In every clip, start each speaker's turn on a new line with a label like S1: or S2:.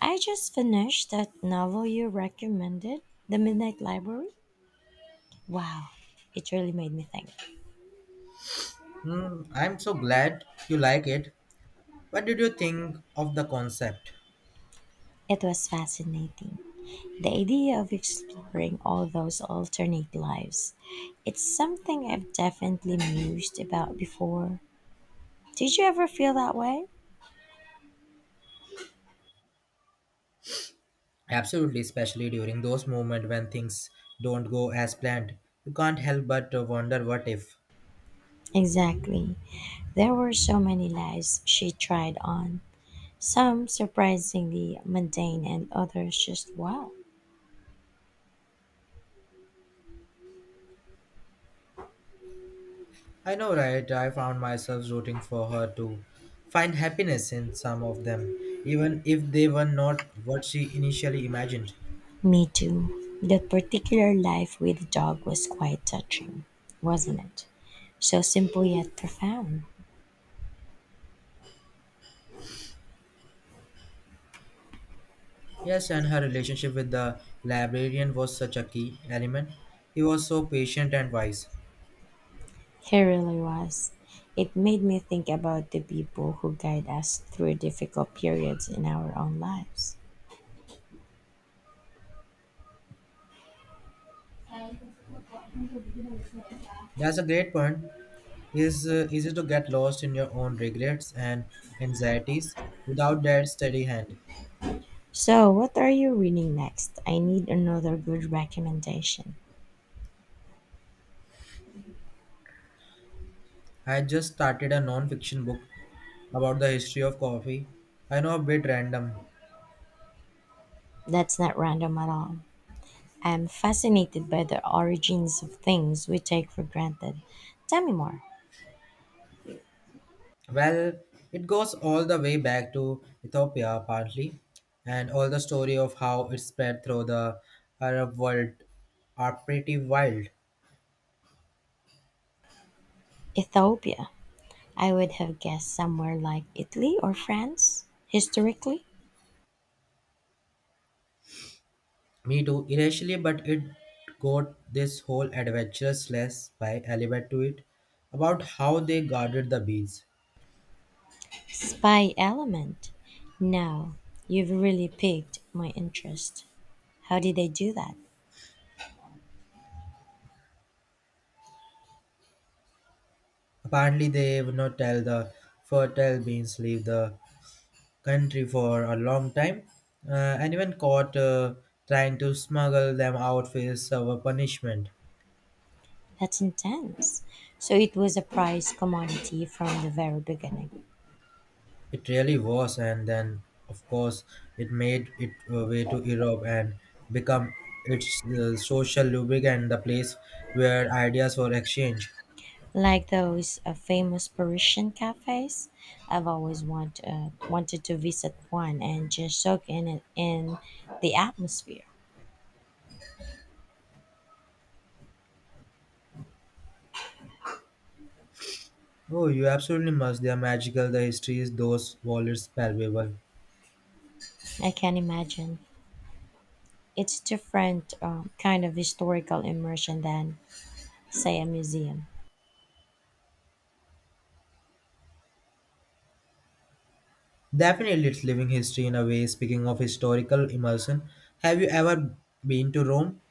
S1: I just finished that novel you recommended, The Midnight Library. Wow, it really made me think.
S2: Hmm, I'm so glad you like it. What did you think of the concept?
S1: It was fascinating. The idea of exploring all those alternate lives. It's something I've definitely mused about before. Did you ever feel that way?
S2: Absolutely, especially during those moments when things don't go as planned. You can't help but to wonder what if.
S1: Exactly. There were so many lives she tried on, some surprisingly mundane and others just wow.
S2: I know, right? I found myself rooting for her to find happiness in some of them, even if they were not what she initially imagined.
S1: Me too. That particular life with the dog was quite touching, wasn't it? So simple yet profound.
S2: Yes, and her relationship with the librarian was such a key element. He was so patient and wise.
S1: It really was. It made me think about the people who guide us through difficult periods in our own lives.
S2: That's a great point. Is easy to get lost in your own regrets and anxieties without that steady hand.
S1: So, what are you reading next? I need another good recommendation.
S2: I just started a non-fiction book about the history of coffee. I know, a bit random.
S1: That's not random at all. I'm fascinated by the origins of things we take for granted. Tell me more.
S2: Well, it goes all the way back to Ethiopia partly, and all the story of how it spread through the Arab world are pretty wild.
S1: Ethiopia. I would have guessed somewhere like Italy or France, historically.
S2: Me too, initially, but it got this whole adventurous less by element to it about how they guarded the bees.
S1: Spy element. Now, you've really piqued my interest. How did they do that?
S2: Apparently, they would not tell the fertile beans leave the country for a long time. Anyone caught trying to smuggle them out faced our punishment.
S1: That's intense. So it was a prized commodity from the very beginning.
S2: It really was, and then of course it made it way to Europe and become its social lubricant, the place where ideas were exchanged.
S1: Like those famous Parisian cafes, I've wanted to visit one and just soak in it in the atmosphere.
S2: Oh, you absolutely must. They are magical. The histories, those wallets, palpable.
S1: I can imagine. It's different kind of historical immersion than Say a museum.
S2: Definitely, it's living history in a way. Speaking of historical immersion, have you ever been to Rome?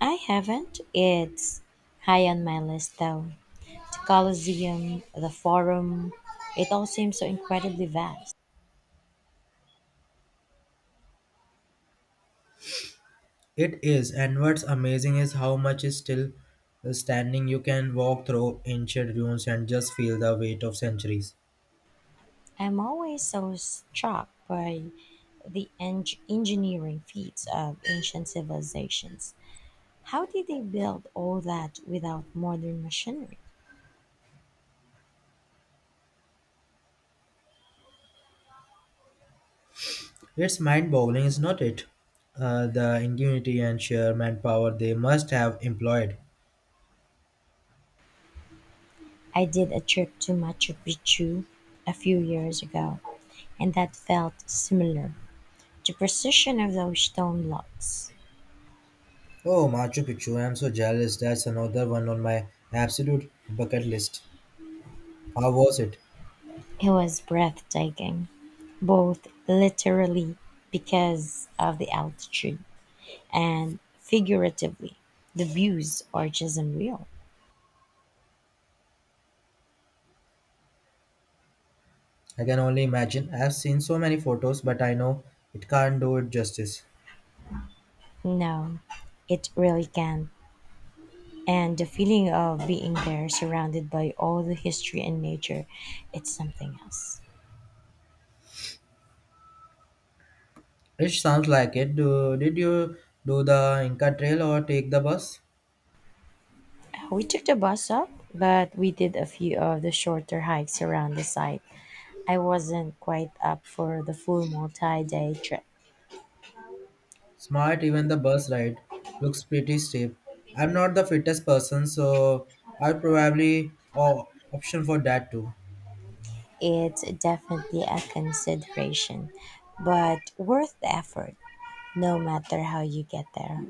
S1: I haven't. It's high on my list though. The Colosseum, the Forum, it all seems so incredibly vast.
S2: It is, and what's amazing is how much is still standing. You can walk through ancient ruins and just feel the weight of centuries.
S1: I'm always so struck by the engineering feats of ancient civilizations. How did they build all that without modern machinery?
S2: It's mind boggling, is not it? The ingenuity and sheer manpower they must have employed.
S1: I did a trip to Machu Picchu a few years ago, and that felt similar. The precision of those stone blocks.
S2: Oh, Machu Picchu, I'm so jealous. That's another one on my absolute bucket list. How was it?
S1: It was breathtaking, both literally because of the altitude and figuratively. The views are just unreal.
S2: I can only imagine. I've seen so many photos, but I know it can't do it justice.
S1: No, it really can. And the feeling of being there surrounded by all the history and nature, it's something else.
S2: It sounds like it. Did you do the Inca Trail or take the bus?
S1: We took the bus up, but we did a few of the shorter hikes around the site. I wasn't quite up for the full multi day trip.
S2: Smart, even the bus ride looks pretty steep. I'm not the fittest person, so I'll probably option for that too.
S1: It's definitely a consideration, but worth the effort, no matter how you get there.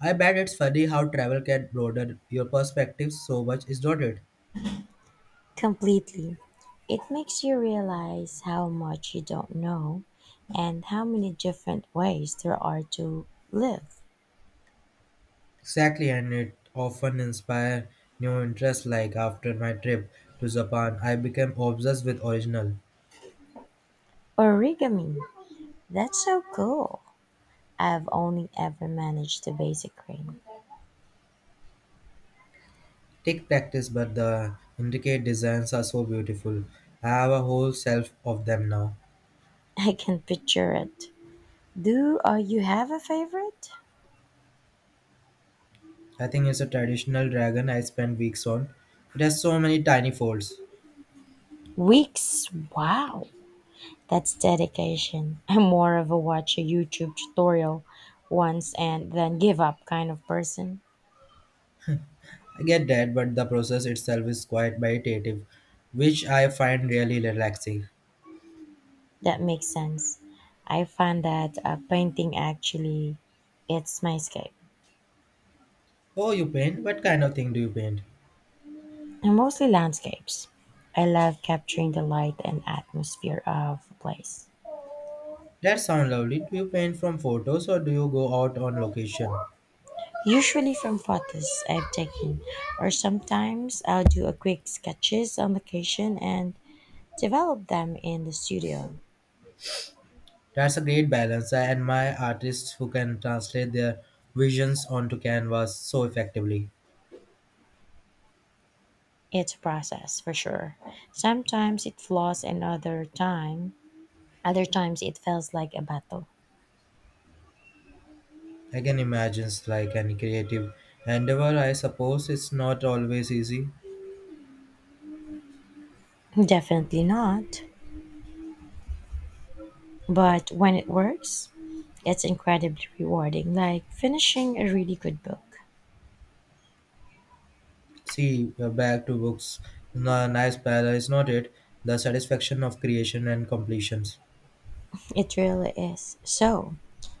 S2: I bet it's funny how travel can broaden your perspective so much, is not it?
S1: Completely. It makes you realize how much you don't know and how many different ways there are to live.
S2: Exactly, and it often inspires new interests. Like after my trip to Japan, I became obsessed with original.
S1: Origami. That's so cool. I've only ever managed the basic ring.
S2: Take practice, but the intricate designs are so beautiful. I have a whole shelf of them now.
S1: I can picture it. Do you have a favorite?
S2: I think it's a traditional dragon I spent weeks on. It has so many tiny folds.
S1: Weeks. Wow. That's dedication. I'm more of a watch a YouTube tutorial once and then give up kind of person.
S2: I get that, but the process itself is quite meditative, which I find really relaxing.
S1: That makes sense. I find that painting actually it's my escape.
S2: Oh, you paint? What kind of thing do you paint?
S1: And mostly landscapes. I love capturing the light and atmosphere of a place.
S2: That sounds lovely. Do you paint from photos or do you go out on location?
S1: Usually from photos I've taken or sometimes I'll do a quick sketches on location and develop them in the studio.
S2: That's a great balance. I admire artists who can translate their visions onto canvas so effectively.
S1: It's a process for sure. Sometimes it flows and other times it feels like a battle.
S2: I can imagine it's like any creative endeavor. I suppose it's not always easy.
S1: Definitely not. But when it works, it's incredibly rewarding, like finishing a really good book.
S2: See, we back to books. No, nice parallel is not it. The satisfaction of creation and completions.
S1: It really is. So,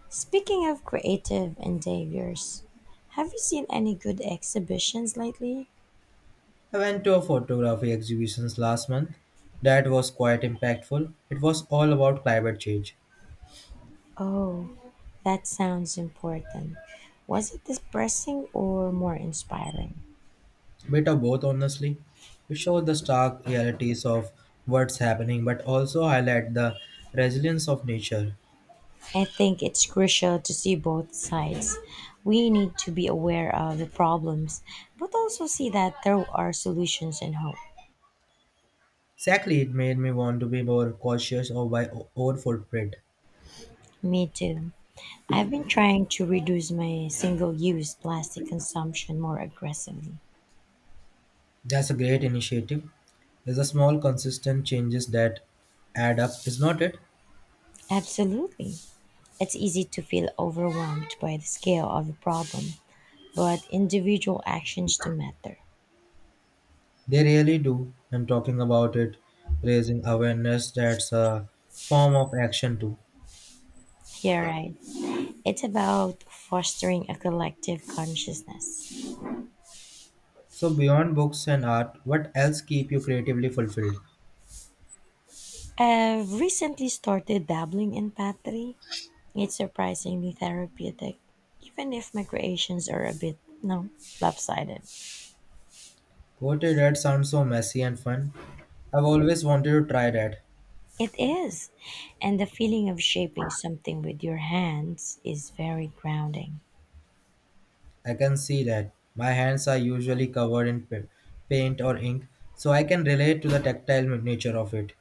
S1: speaking of creative endeavors, have you seen any good exhibitions lately?
S2: I went to a photography exhibitions last month. That was quite impactful. It was all about climate change.
S1: Oh, that sounds important. Was it depressing or more inspiring?
S2: Bit of both, honestly. It showed the stark realities of what's happening, but also highlight the resilience of nature.
S1: I think it's crucial to see both sides. We need to be aware of the problems, but also see that there are solutions and hope.
S2: Exactly, it made me want to be more cautious of my own footprint.
S1: Me too. I've been trying to reduce my single use plastic consumption more aggressively.
S2: That's a great initiative. It's a small, consistent changes that add up, is not it?
S1: Absolutely. It's easy to feel overwhelmed by the scale of the problem, but individual actions do matter.
S2: They really do. I'm talking about it, raising awareness. That's a form of action too.
S1: Yeah, right. It's about fostering a collective consciousness.
S2: So beyond books and art, what else keep you creatively fulfilled?
S1: I've recently started dabbling in pottery. It's surprisingly therapeutic, even if my creations are a bit, no, lopsided.
S2: Poetry, that sounds so messy and fun. I've always wanted to try that.
S1: It is. And the feeling of shaping something with your hands is very grounding.
S2: I can see that. My hands are usually covered in paint or ink, so I can relate to the tactile nature of it.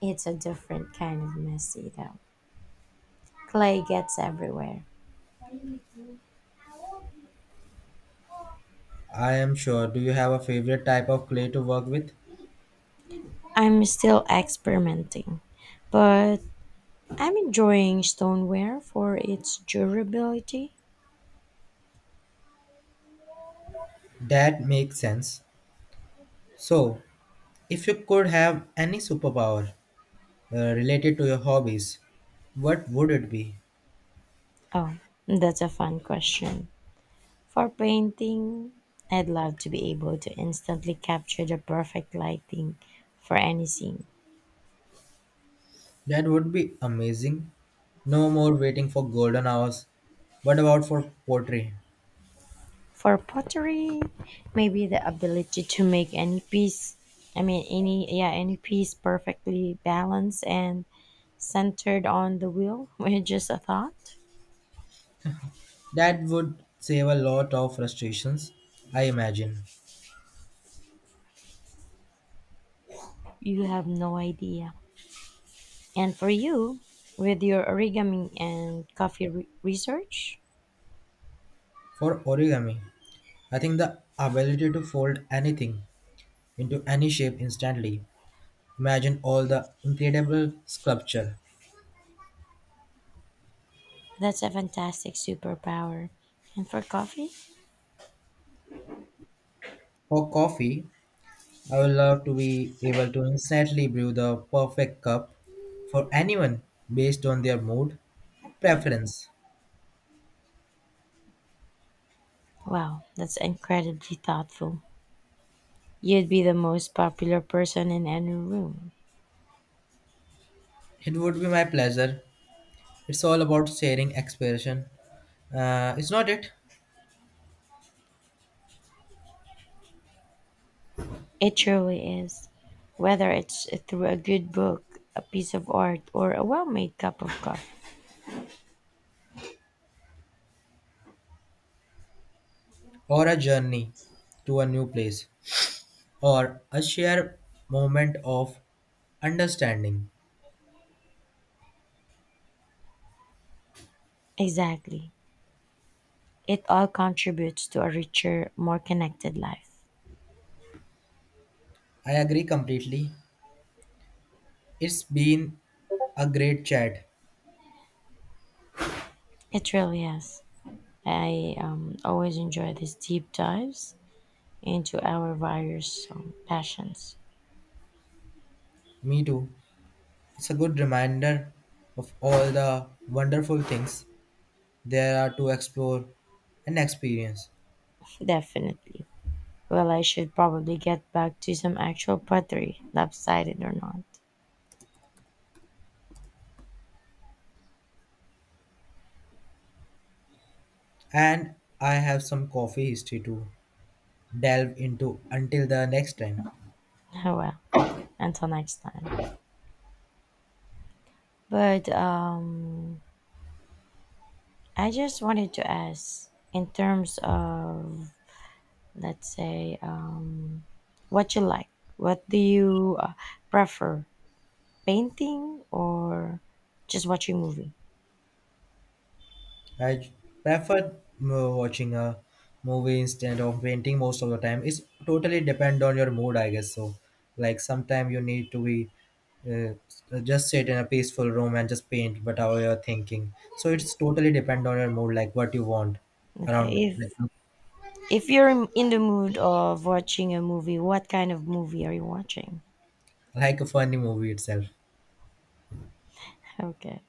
S1: It's a different kind of messy, though. Clay gets everywhere.
S2: I am sure. Do you have a favorite type of clay to work with?
S1: I'm still experimenting, but I'm enjoying stoneware for its durability.
S2: That makes sense. So, if you could have any superpower related to your hobbies, what would it be?
S1: Oh, that's a fun question. For painting, I'd love to be able to instantly capture the perfect lighting for any scene.
S2: That would be amazing. No more waiting for golden hours. What about for pottery?
S1: For pottery, maybe the ability to make any piece, I mean any yeah, any piece perfectly balanced and centered on the wheel with just a thought.
S2: That would save a lot of frustrations, I imagine.
S1: You have no idea. And for you, with your origami and research,
S2: For origami, I think the ability to fold anything into any shape instantly. Imagine all the incredible sculpture.
S1: that's a fantastic superpower. And for coffee,
S2: For coffee, I would love to be able to instantly brew the perfect cup for anyone based on their mood and preference.
S1: wow, that's incredibly thoughtful. You'd be the most popular person in any room.
S2: It would be my pleasure. It's all about sharing expression. It's not it,
S1: It truly is. Whether it's through a good book, a piece of art, or a well made cup of coffee.
S2: or a journey to a new place, or a shared moment of understanding.
S1: Exactly. It all contributes to a richer, more connected life.
S2: I agree completely. It's been a great chat.
S1: It really has. I always enjoy these deep dives into our various passions.
S2: Me too. It's a good reminder of all the wonderful things there are to explore and experience.
S1: Definitely. Well, I should probably get back to some actual pottery, lopsided or not.
S2: And I have some coffee history to delve into until the next time.
S1: Oh, well, until next time. But I just wanted to ask in terms of, let's say, what you like. What do you prefer, painting or just watching movie?
S2: I prefer watching a movie instead of painting most of the time. It's totally depend on your mood, I guess. So, like sometime you need to be uh, just sit in a peaceful room and just paint whatever you're thinking. So it's totally depend on your mood, like what you want around
S1: Okay, if you're in the mood of watching a movie, what kind of movie are you watching?
S2: like a funny movie itself.
S1: Okay.